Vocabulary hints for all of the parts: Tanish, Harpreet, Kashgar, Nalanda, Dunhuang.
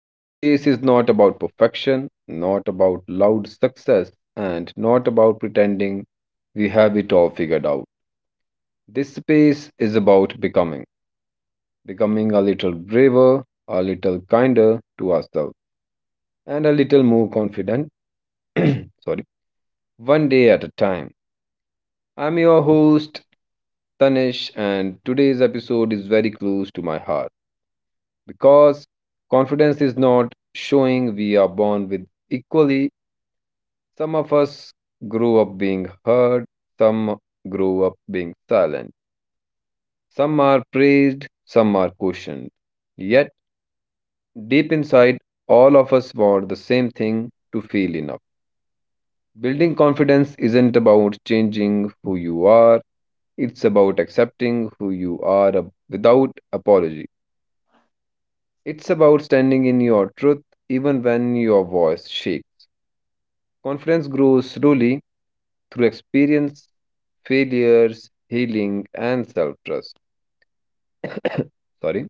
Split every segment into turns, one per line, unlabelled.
This space is not about perfection, not about loud success, and not about pretending we have it all figured out. This space is about becoming, becoming a little braver, a little kinder to ourselves, and a little more confident. Sorry, one day at a time. I'm your host, Tanish, and today's episode is very close to my heart, because confidence is not showing we are born with equally. Some of us grow up being heard, some grow up being silent, some are praised, some are cautioned, yet deep inside all of us want the same thing: to feel enough. Building confidence isn't about changing who you are, it's about accepting who you are without apology. It's about standing in your truth even when your voice shakes. Confidence grows slowly through experience, failures, healing, and self trust. Sorry.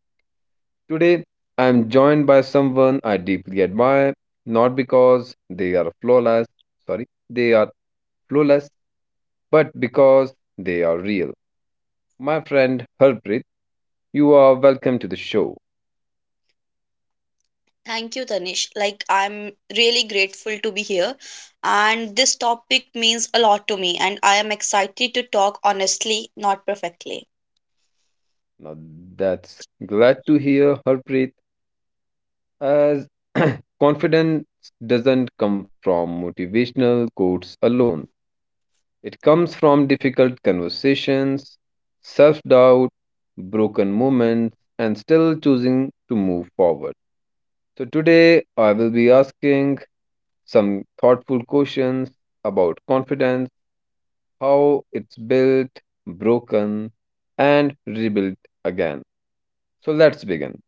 Today, I am joined by someone I deeply admire, not because they are flawless, sorry, they are flawless, but because they are real. My friend Harpreet, you are welcome to the show.
Thank you, Tanish. I'm really grateful to be here. And this topic means a lot to me, and I am excited to talk honestly, not perfectly.
Now, that's glad to hear, Harpreet, as confidence doesn't come from motivational quotes alone. It comes from difficult conversations, self doubt, broken moments, and still choosing to move forward. So, today I will be asking some thoughtful questions about confidence, how it's built, broken, and rebuilt again. So, let's begin.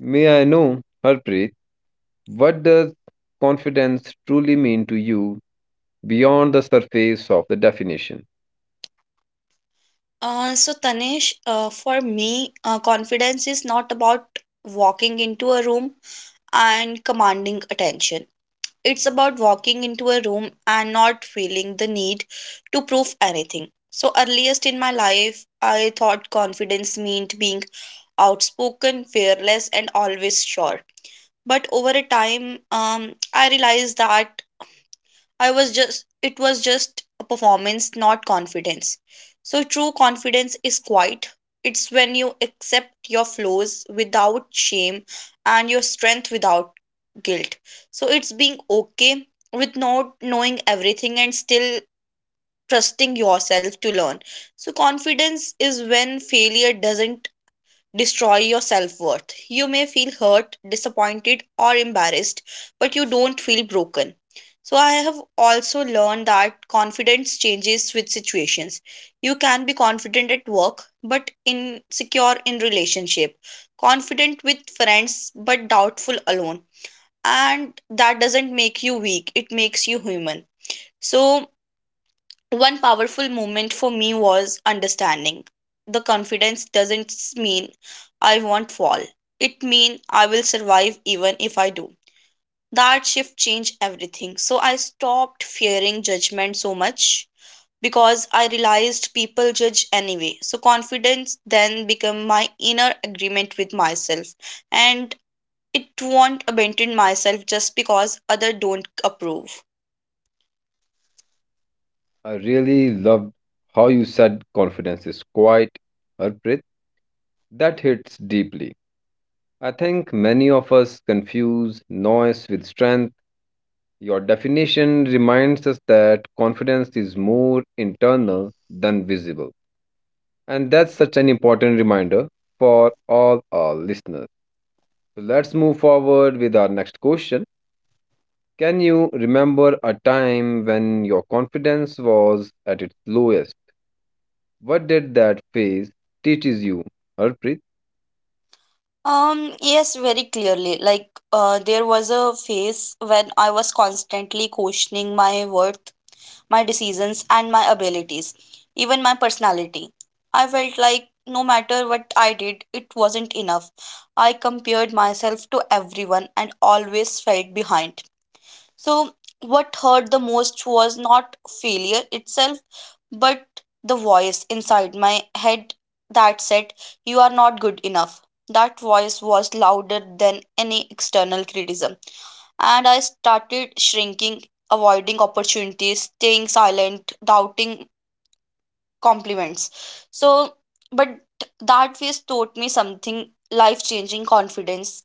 May I know, Harpreet, what does confidence truly mean to you beyond the surface of the definition?
So, Tanish, for me, confidence is not about walking into a room and commanding attention. It's about walking into a room and not feeling the need to prove anything. So, earliest in my life, I thought confidence meant being outspoken, fearless, and always sure. But over a time I realized that I was just it was just a performance, not confidence. So true confidence is quiet. It's when you accept your flaws without shame and your strength without guilt. So it's being okay with not knowing everything and still trusting yourself to learn. So confidence is when failure doesn't destroy your self worth. You may feel hurt, disappointed, or embarrassed, but you don't feel broken. So, I have also learned that confidence changes with situations. You can be confident at work, but insecure in relationship, confident with friends, but doubtful alone. And that doesn't make you weak, it makes you human. So, one powerful moment for me was understanding the confidence doesn't mean I won't fall, it means I will survive even if I do. That shift changed everything, so I stopped fearing judgment so much because I realized people judge anyway. So confidence then became my inner agreement with myself, and it won't abandon myself just because other don't approve.
I really loved how you said confidence is quiet, Harpreet. That hits deeply. I think many of us confuse noise with strength. Your definition reminds us that confidence is more internal than visible. And that's such an important reminder for all our listeners. So let's move forward with our next question. Can you remember a time when your confidence was at its lowest? What did that phase teaches you, Harpreet?
Yes, very clearly. There was a phase when I was constantly questioning my worth, my decisions, and my abilities, even my personality. I felt like no matter what I did, it wasn't enough. I compared myself to everyone and always felt behind. So, what hurt the most was not failure itself, but the voice inside my head that said, "You are not good enough." That voice was louder than any external criticism. And I started shrinking, avoiding opportunities, staying silent, doubting compliments. So, but that phase taught me something life changing. Confidence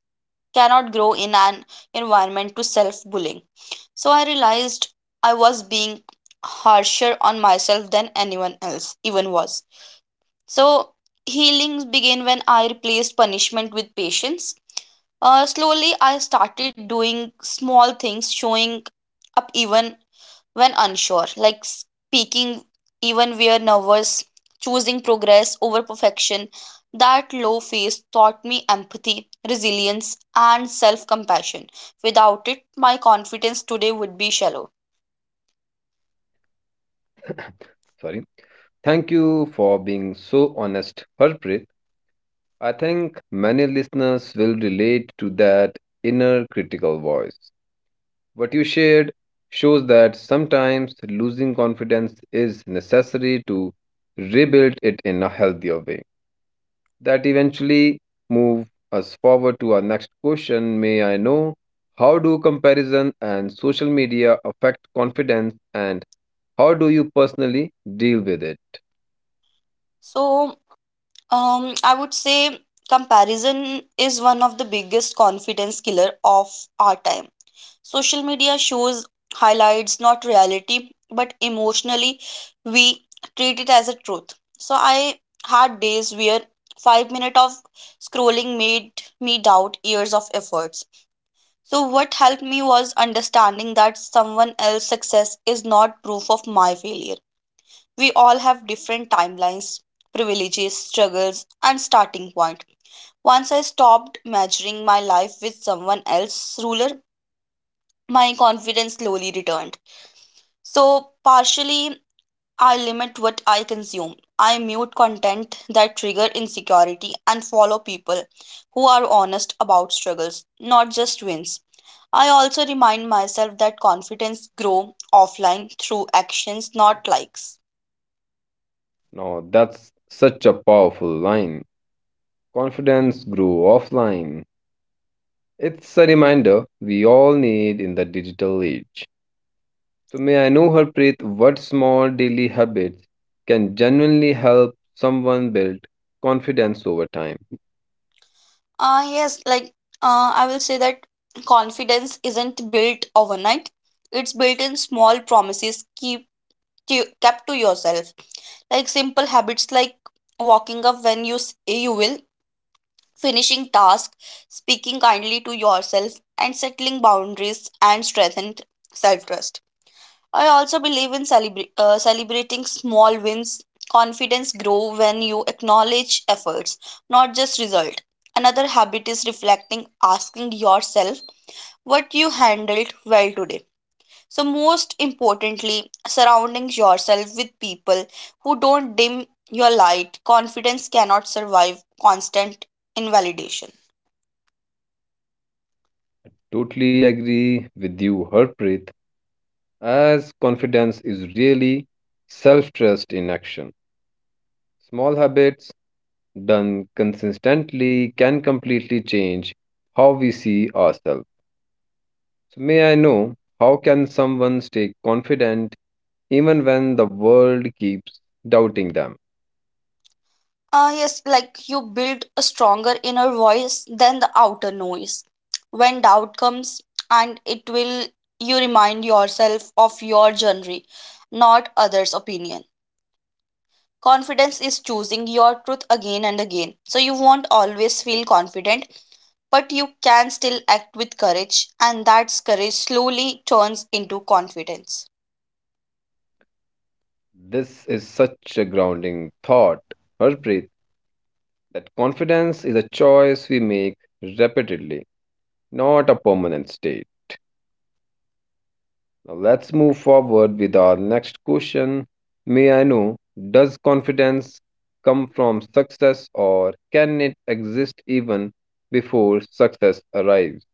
cannot grow in an environment to self bullying. So I realized I was being harsher on myself than anyone else even was. So healing began when I replaced punishment with patience. Slowly, I started doing small things, showing up even when unsure, like speaking even where nervous, choosing progress over perfection. That low phase taught me empathy, resilience, and self compassion. Without it, my confidence today would be shallow.
Sorry. Thank you for being so honest, Harpreet. I think many listeners will relate to that inner critical voice. What you shared shows that sometimes losing confidence is necessary to rebuild it in a healthier way. That eventually move us forward to our next question. May I know, how do comparison and social media affect confidence, and how do you personally deal with it?
So, I would say comparison is one of the biggest confidence killer of our time. Social media shows highlights, not reality, but emotionally we treat it as a truth. So I had days where 5 minutes of scrolling made me doubt years of efforts. So what helped me was understanding that someone else's success is not proof of my failure. We all have different timelines, privileges, struggles, and starting point. Once I stopped measuring my life with someone else's ruler, my confidence slowly returned. So, partially, I limit what I consume. I mute content that trigger insecurity and follow people who are honest about struggles, not just wins. I also remind myself that confidence grow offline through actions, not likes.
Now, that's such a powerful line. Confidence grew offline. It's a reminder we all need in the digital age. So, may I know, Harpreet, what small daily habits can genuinely help someone build confidence over time?
Uh, yes, like I will say that confidence isn't built overnight. It's built in small kept to yourself. Like simple habits like walking up when you say you will, finishing task, speaking kindly to yourself, and settling boundaries and strengthened self trust. I also believe in celebrating small wins. Confidence grow when you acknowledge efforts, not just result. Another habit is reflecting, asking yourself what you handled well today. So most importantly, surrounding yourself with people who don't dim your light. Confidence cannot survive constant invalidation.
Totally agree with you, Harpreet, as confidence is really self trust in action. Small habits done consistently can completely change how we see ourselves. So may I know, how can someone stay confident even when the world keeps doubting them?
You build a stronger inner voice than the outer noise. When doubt comes, and it will, you remind yourself of your journey, not others' opinion. Confidence is choosing your truth again and again. So you won't always feel confident, but you can still act with courage, and that courage slowly turns into confidence.
This is such a grounding thought, Harpreet, that confidence is a choice we make repeatedly, not a permanent state. Now let's move forward with our next question. May I know, does confidence come from success, or can it exist even before success arrives?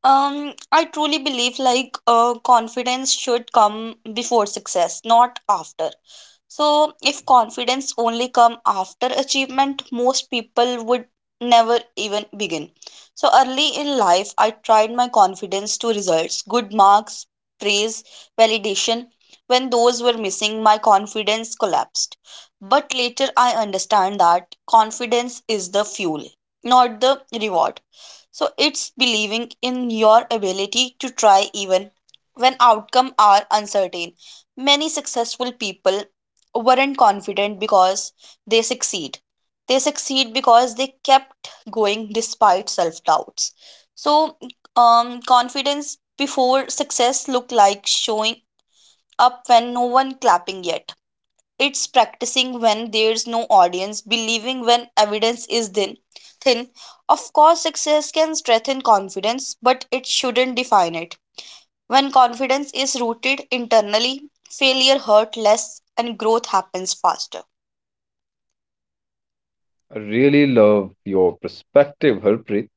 I truly believe confidence should come before success, not after. So, if confidence only come after achievement, most people would never even begin. So, early in life, I tried my confidence to results, good marks, praise, validation. When those were missing, my confidence collapsed. But later, I understand that confidence is the fuel, not the reward. So it's believing in your ability to try even when outcomes are uncertain. Many successful people weren't confident because they succeed. They succeed because they kept going despite self doubts. So, confidence before success looked like showing up when no one clapping yet. It's practicing when there's no audience, believing when evidence is thin. Thin. Of course, success can strengthen confidence, but it shouldn't define it. When confidence is rooted internally, failure hurts less and growth happens faster.
I really love your perspective, Harpreet,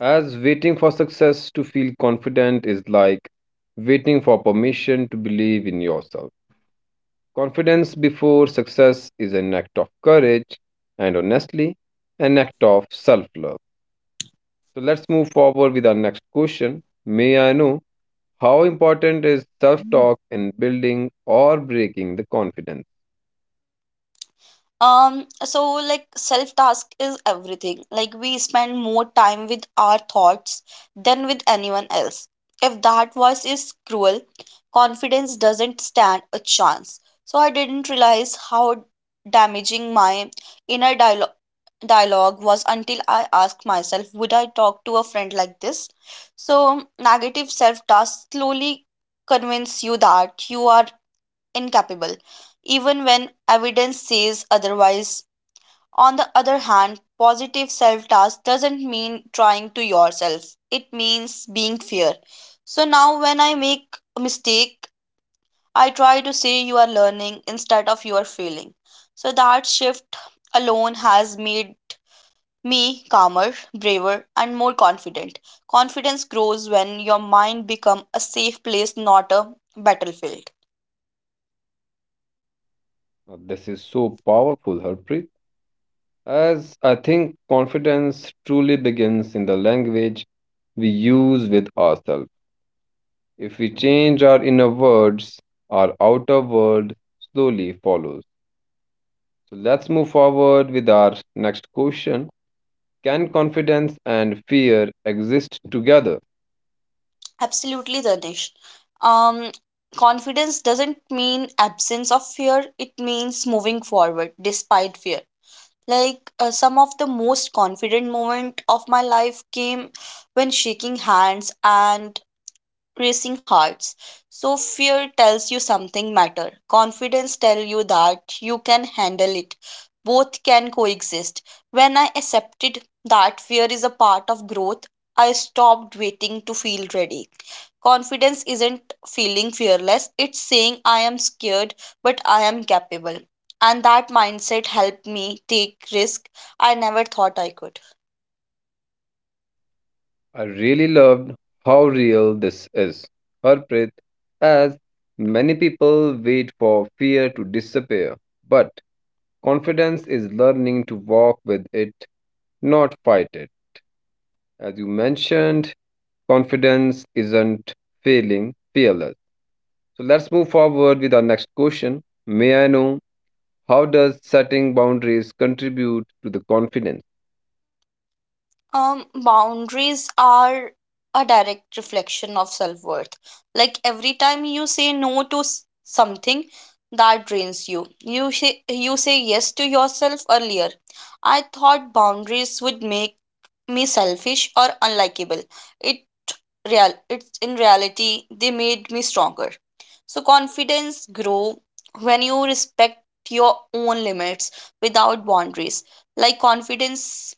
as waiting for success to feel confident is like waiting for permission to believe in yourself. Confidence before success is an act of courage and honestly, an act of self love. So let's move forward with our next question. May I know, how important is self talk in building or breaking the confidence?
um so Self task is everything. Like we spend more time with our thoughts than with anyone else. If that voice is cruel, confidence doesn't stand a chance. So I didn't realize how damaging my inner dialogue was until I asked myself, would I talk to a friend like this? So negative self task slowly convince you that you are incapable, even when evidence says otherwise. On the other hand, positive self task doesn't mean trying to yourself. It means being fair. So now when I make a mistake, I try to say you are learning instead of you are failing. So that shift alone has made me calmer, braver and more confident. Confidence grows when your mind becomes a safe place, not a battlefield.
Now, this is so powerful, Harpreet. As I think confidence truly begins in the language we use with ourselves. If we change our inner words, our outer world slowly follows. So let's move forward with our next question. Can confidence and fear exist together?
Absolutely, Danish. Um, confidence doesn't mean absence of fear, it means moving forward despite fear. Some of the most confident moment of my life came when shaking hands and racing hearts. So fear tells you something matter. Confidence tell you that you can handle it. Both can coexist. When I accepted that fear is a part of growth, I stopped waiting to feel ready. Confidence isn't feeling fearless, it's saying I am scared but I am capable. And that mindset helped me take risk I never thought I could.
I really loved how real this is, Harpreet, as many people wait for fear to disappear, but confidence is learning to walk with it, not fight it. As you mentioned, confidence isn't failing, fearless. So let's move forward with our next question. May I know, how does setting boundaries contribute to the confidence?
Boundaries are a direct reflection of self worth. Like every time you say no to something that drains you, you say yes to yourself earlier. I thought boundaries would make me selfish or unlikable. It real it's in reality they made me stronger. So confidence grow when you respect your own limits without boundaries. Like confidence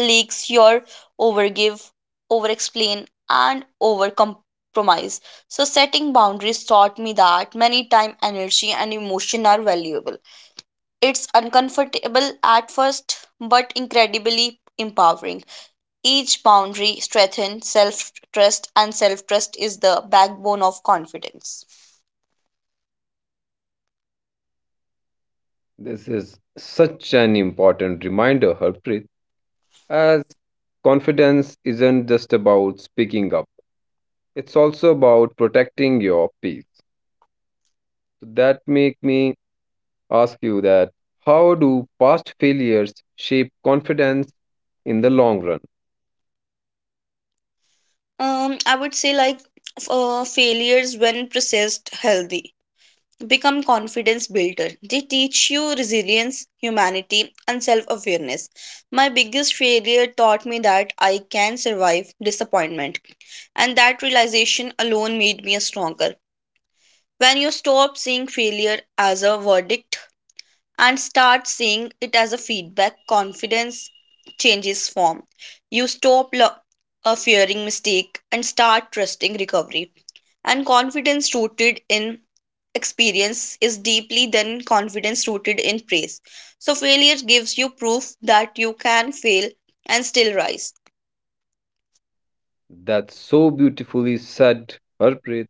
leaks your overgive, overexplain, and overcompromise. So setting boundaries taught me that many time, energy, and emotion are valuable. It's uncomfortable at first, but incredibly empowering. Each boundary strengthens self trust, and self trust is the backbone of confidence.
This is such an important reminder, Harpreet. As confidence isn't just about speaking up, it's also about protecting your peace. So that make me ask you that, how do past failures shape confidence in the long run?
I would say like f- Failures when processed healthy become confidence builder. They teach you resilience, humanity and self-awareness. My biggest failure taught me that I can survive disappointment, and that realization alone made me stronger. When you stop seeing failure as a verdict and start seeing it as a feedback, confidence changes form. You stop fearing mistake and start trusting recovery. And confidence rooted in experience is deeply than confidence rooted in praise. So failure gives you proof that you can fail and still rise.
That's so beautifully said, Harpreet,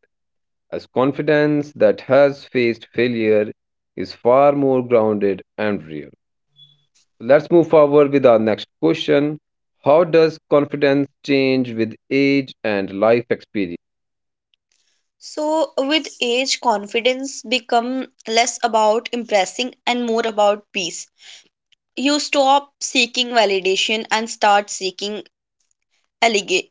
as confidence that has faced failure is far more grounded and real. Let's move forward with our next question. How does confidence change with age and life experience?
So with age confidence become less about impressing and more about peace. You stop seeking validation and start seeking allega-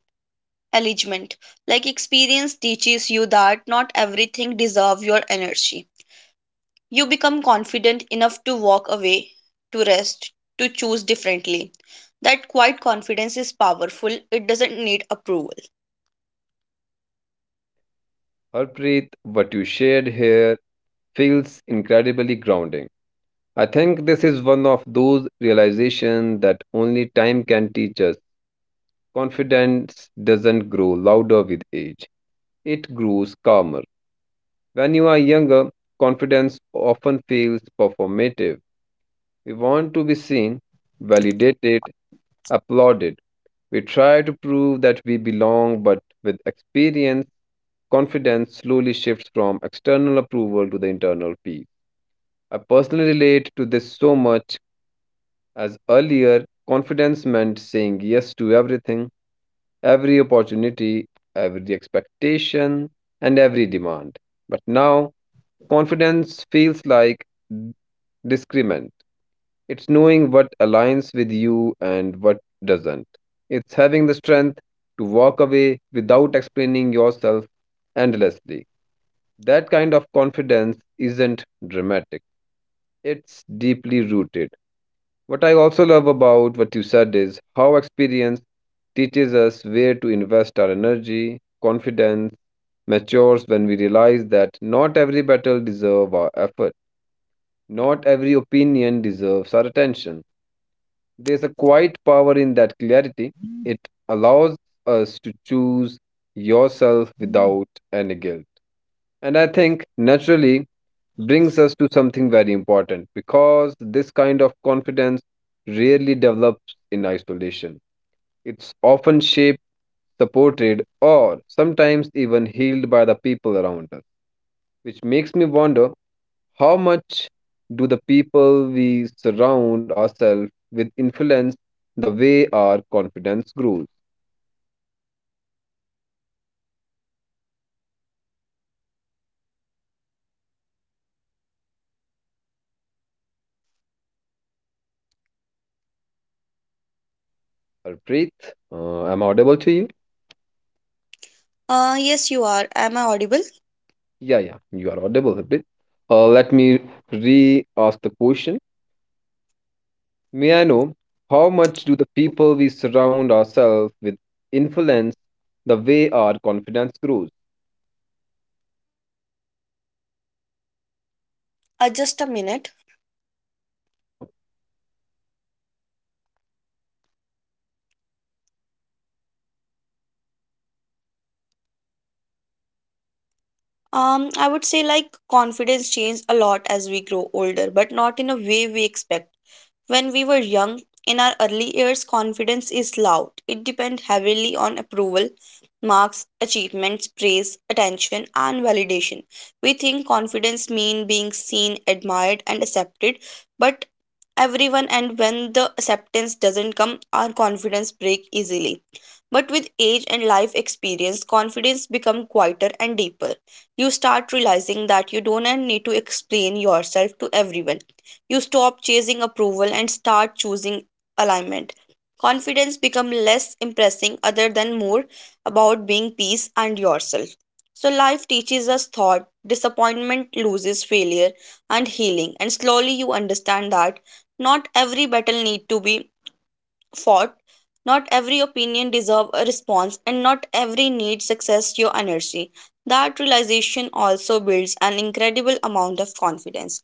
engagement. Like experience teaches you that not everything deserves your energy. You become confident enough to walk away, to rest, to choose differently. That quiet confidence is powerful. It doesn't need approval.
Harpreet, what you shared here feels incredibly grounding. I think this is one of those realizations that only time can teach us. Confidence doesn't grow louder with age, it grows calmer. When you are younger, confidence often feels performative. We want to be seen, validated, applauded. We try to prove that we belong, but with experience, confidence slowly shifts from external approval to the internal peace. I personally relate to this so much, as earlier, confidence meant saying yes to everything, every opportunity, every expectation, and every demand. But now, confidence feels like discernment. It's knowing what aligns with you and what doesn't. It's having the strength to walk away without explaining yourself endlessly. That kind of confidence isn't dramatic, it's deeply rooted. What I also love about what you said is how experience teaches us where to invest our energy. Confidence matures when we realize that not every battle deserves our effort, not every opinion deserves our attention. There's a quiet power in that clarity. It allows us to choose yourself without any guilt. And I think naturally brings us to something very important, because this kind of confidence rarely develops in isolation. It's often shaped, supported, or sometimes even healed by the people around us, which makes me wonder, how much do the people we surround ourselves with influence the way our confidence grows? Harpreet, am I audible to you?
Yes, you are. Am I audible?
Yeah, yeah, you are audible, Harpreet. Let me re ask the question. May I know, how much do the people we surround ourselves with influence the way our confidence grows?
Just a minute.
Sure.
I would say confidence changes a lot as we grow older, but not in a way we expect. When we were young, in our early years, confidence is loud. It depends heavily on approval, marks, achievements, praise, attention, and validation. We think confidence means being seen, admired, and accepted, but everyone and when the acceptance doesn't come, our confidence break easily. But with age and life experience, confidence become quieter and deeper. You start realizing that you don't need to explain yourself to everyone. You stop chasing approval and start choosing alignment. Confidence becomes less impressing other than more about being peace and yourself. So life teaches us thought, disappointment loses failure and healing, and slowly you understand that not every battle need to be fought. Not every opinion deserve a response, and not every need success your energy. That realization also builds an incredible amount of confidence.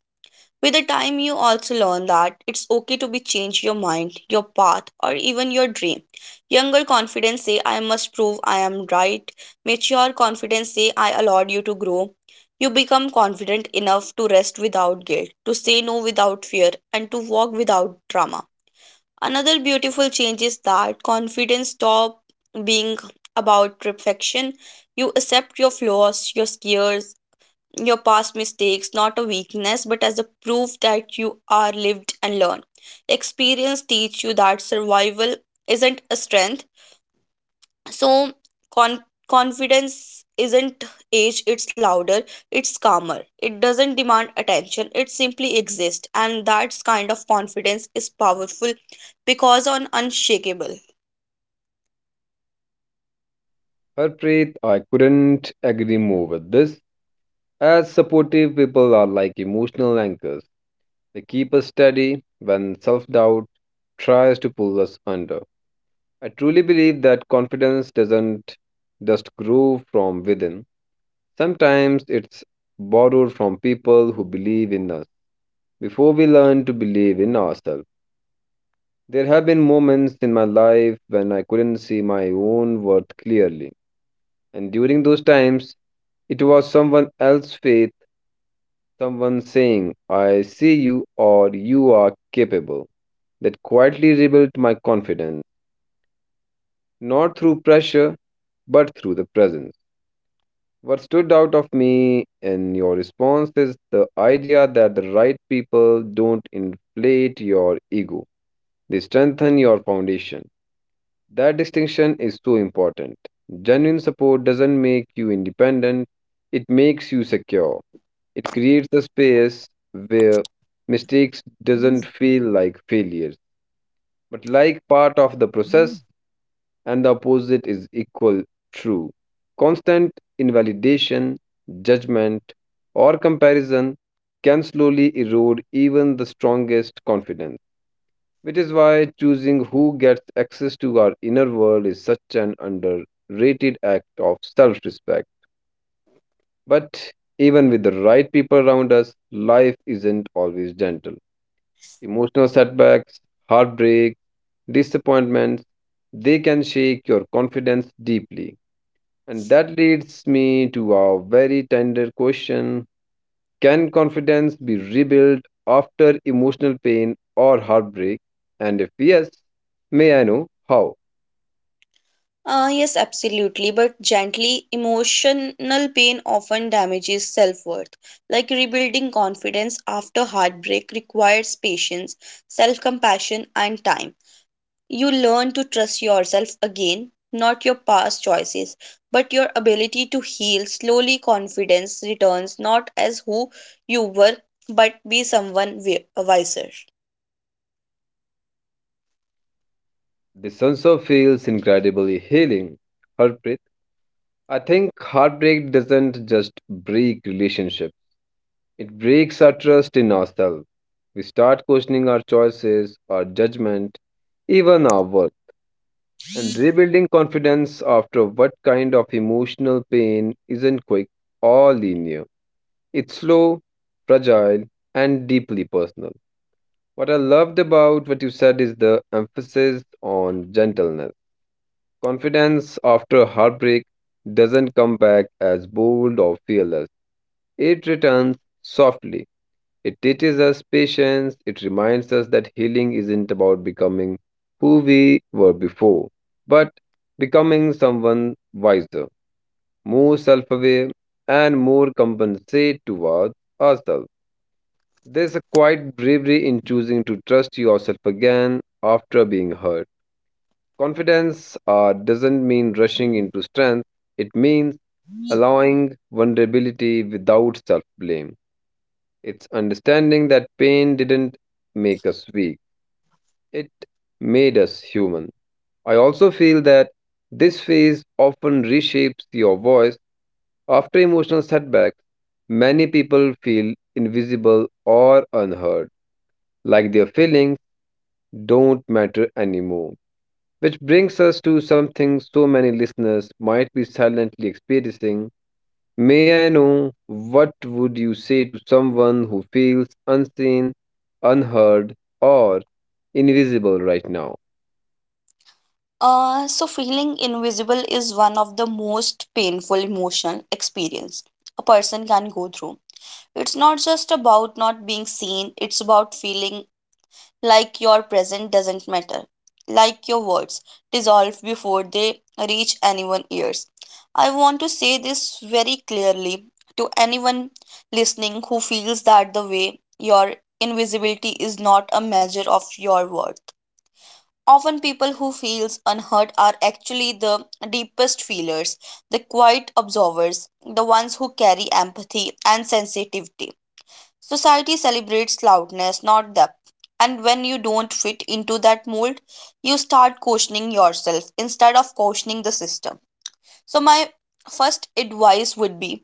With the time, you also learn that it's okay to be change your mind, your path, or even your dream. Younger confidence say, "I must prove I am right." Mature confidence say, "I allowed you to grow." You become confident enough to rest without guilt, to say no without fear, and to walk without drama. Another beautiful change is that confidence stop being about perfection. You accept your flaws, your scares, your past mistakes, not a weakness, but as a proof that you are lived and learned. Experience teach you that survival isn't a strength. So confidence isn't age, it's louder, it's calmer. It doesn't demand attention, it simply exists, and that's kind of confidence is powerful because on unshakable.
Harpreet, I couldn't agree more with this. As supportive people are like emotional anchors. They keep us steady when self doubt tries to pull us under. I truly believe that confidence doesn't just grow from within. Sometimes it's borrowed from people who believe in us before we learn to believe in ourselves. There have been moments in my life when I couldn't see my own worth clearly. And during those times, it was someone else's faith, someone saying, "I see you" or "you are capable," that quietly rebuilt my confidence, not through pressure, but through the presence. What stood out of me in your response is the idea that the right people don't inflate your ego, they strengthen your foundation. That distinction is so important. Genuine support doesn't make you independent, it makes you secure. It creates a space where mistakes doesn't feel like failures, but like part of the process, and the opposite is equal true. Constant invalidation, judgment, or comparison can slowly erode even the strongest confidence, which is why choosing who gets access to our inner world is such an underrated act of self respect. But even with the right people around us, life isn't always gentle. Emotional setbacks, heartbreak, disappointments, they can shake your confidence deeply. And that leads me to our very tender question: can confidence be rebuilt after emotional pain or heartbreak? And if yes, may I know how?
Yes, absolutely, but gently. Emotional pain often damages self-worth. Like rebuilding confidence after heartbreak requires patience, self-compassion and time. You learn to trust yourself again, not your past choices, but your ability to heal. Slowly, confidence returns not as who you were, but be someone wiser.
This also feels incredibly healing. Harpreet, I think heartbreak doesn't just break relationships, it breaks our trust in ourselves. We start questioning our choices, our judgment, even our worth. And rebuilding confidence after what kind of emotional pain isn't quick or linear. It's slow, fragile, and deeply personal. What I loved about what you said is the emphasis on gentleness. Confidence after heartbreak doesn't come back as bold or fearless. It returns softly. It teaches us patience. It reminds us that healing isn't about becoming who we were before, but becoming someone wiser, more self aware, and more compensate towards ourselves. There's a quiet bravery in choosing to trust yourself again after being hurt. Confidence doesn't mean rushing into strength, it means allowing vulnerability without self blame. It's understanding that pain didn't make us weak, it made us human. I also feel that this phase often reshapes your voice after emotional setbacks. Many people feel invisible or unheard, like their feelings don't matter anymore. Which brings us to something so many listeners might be silently experiencing. May I know, what would you say to someone who feels unseen, unheard, or invisible right now?
So feeling invisible is one of the most painful emotional experience a person can go through. It's not just about not being seen, it's about feeling like your present doesn't matter, like your words dissolve before they reach anyone's ears. I want to say this very clearly to anyone listening who feels that the way your invisibility is not a measure of your worth. Often people who feels unheard are actually the deepest feelers, the quiet observers, the ones who carry empathy and sensitivity. Society celebrates loudness, not depth. And when you don't fit into that mold, you start questioning yourself instead of questioning the system. So, my first advice would be,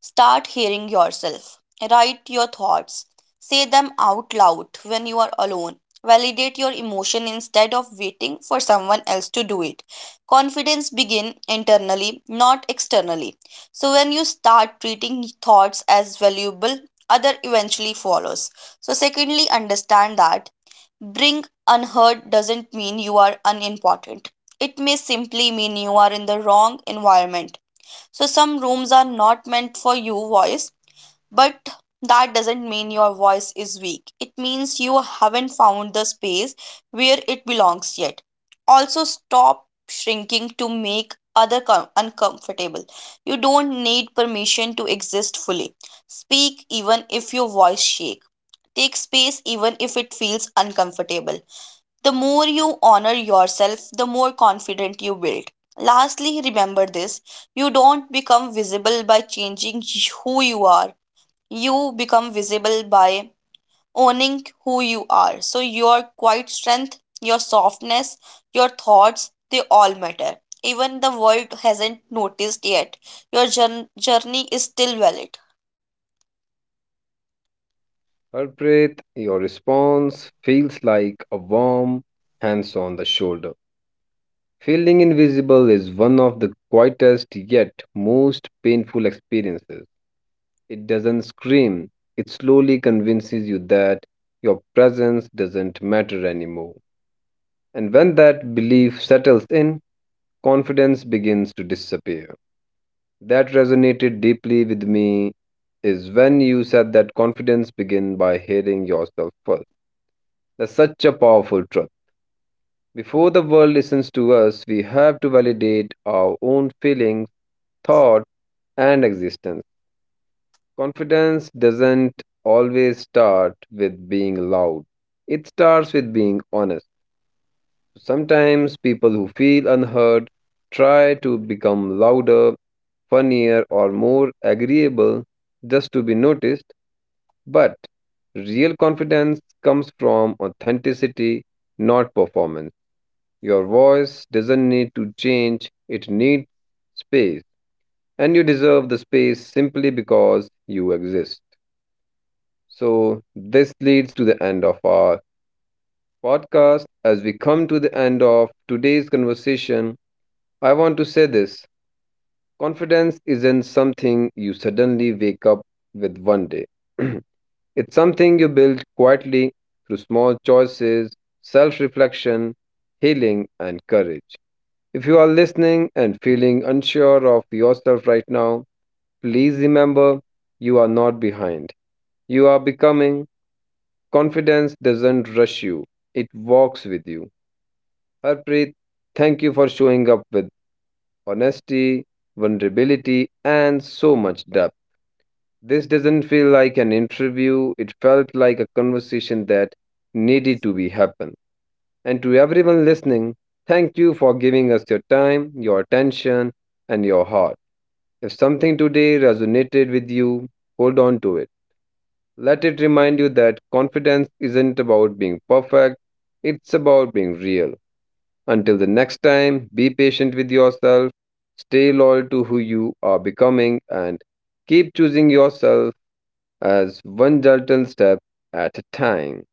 start hearing yourself. Write your thoughts. Say them out loud when you are alone. Validate your emotion instead of waiting for someone else to do it. Confidence begin internally, not externally. So when you start treating thoughts as valuable, other eventually follows. So secondly, understand that being unheard doesn't mean you are unimportant. It may simply mean you are in the wrong environment. So, some rooms are not meant for your voice, but that doesn't mean your voice is weak. It means you haven't found the space where it belongs yet. Also, stop shrinking to make other uncomfortable. You don't need permission to exist fully. Speak even if your voice shakes. Take space even if it feels uncomfortable. The more you honor yourself, the more confident you build. Lastly, remember this: you don't become visible by changing who you are, you become visible by owning who you are. So, your quiet strength, your softness, your thoughts, they all matter. Even the world hasn't noticed yet. Your journey is still valid.
Harpreet, your response feels like a warm hands on the shoulder. Feeling invisible is one of the quietest yet most painful experiences. It doesn't scream, it slowly convinces you that your presence doesn't matter anymore. And when that belief settles in, confidence begins to disappear. That resonated deeply with me is when you said that confidence begins by hearing yourself first. That's such a powerful truth. Before the world listens to us, we have to validate our own feelings, thoughts, and existence. Confidence doesn't always start with being loud. It starts with being honest. Sometimes people who feel unheard try to become louder, funnier, or more agreeable just to be noticed. But real confidence comes from authenticity, not performance. Your voice doesn't need to change, it needs space. And you deserve the space simply because you exist. So, this leads to the end of our podcast. As we come to the end of today's conversation, I want to say this: confidence isn't something you suddenly wake up with one day, it's something you build quietly through small choices, self reflection, healing, and courage. If you are listening and feeling unsure of yourself right now, please remember, you are not behind. You are becoming. Confidence doesn't rush you, it walks with you. Harpreet, thank you for showing up with honesty, vulnerability, and so much depth. This doesn't feel like an interview, it felt like a conversation that needed to be happen. And to everyone listening, thank you for giving us your time, your attention, and your heart. If something today resonated with you, hold on to it. Let it remind you that confidence isn't about being perfect, it's about being real. Until the next time, be patient with yourself, stay loyal to who you are becoming, and keep choosing yourself as one gentle step at a time.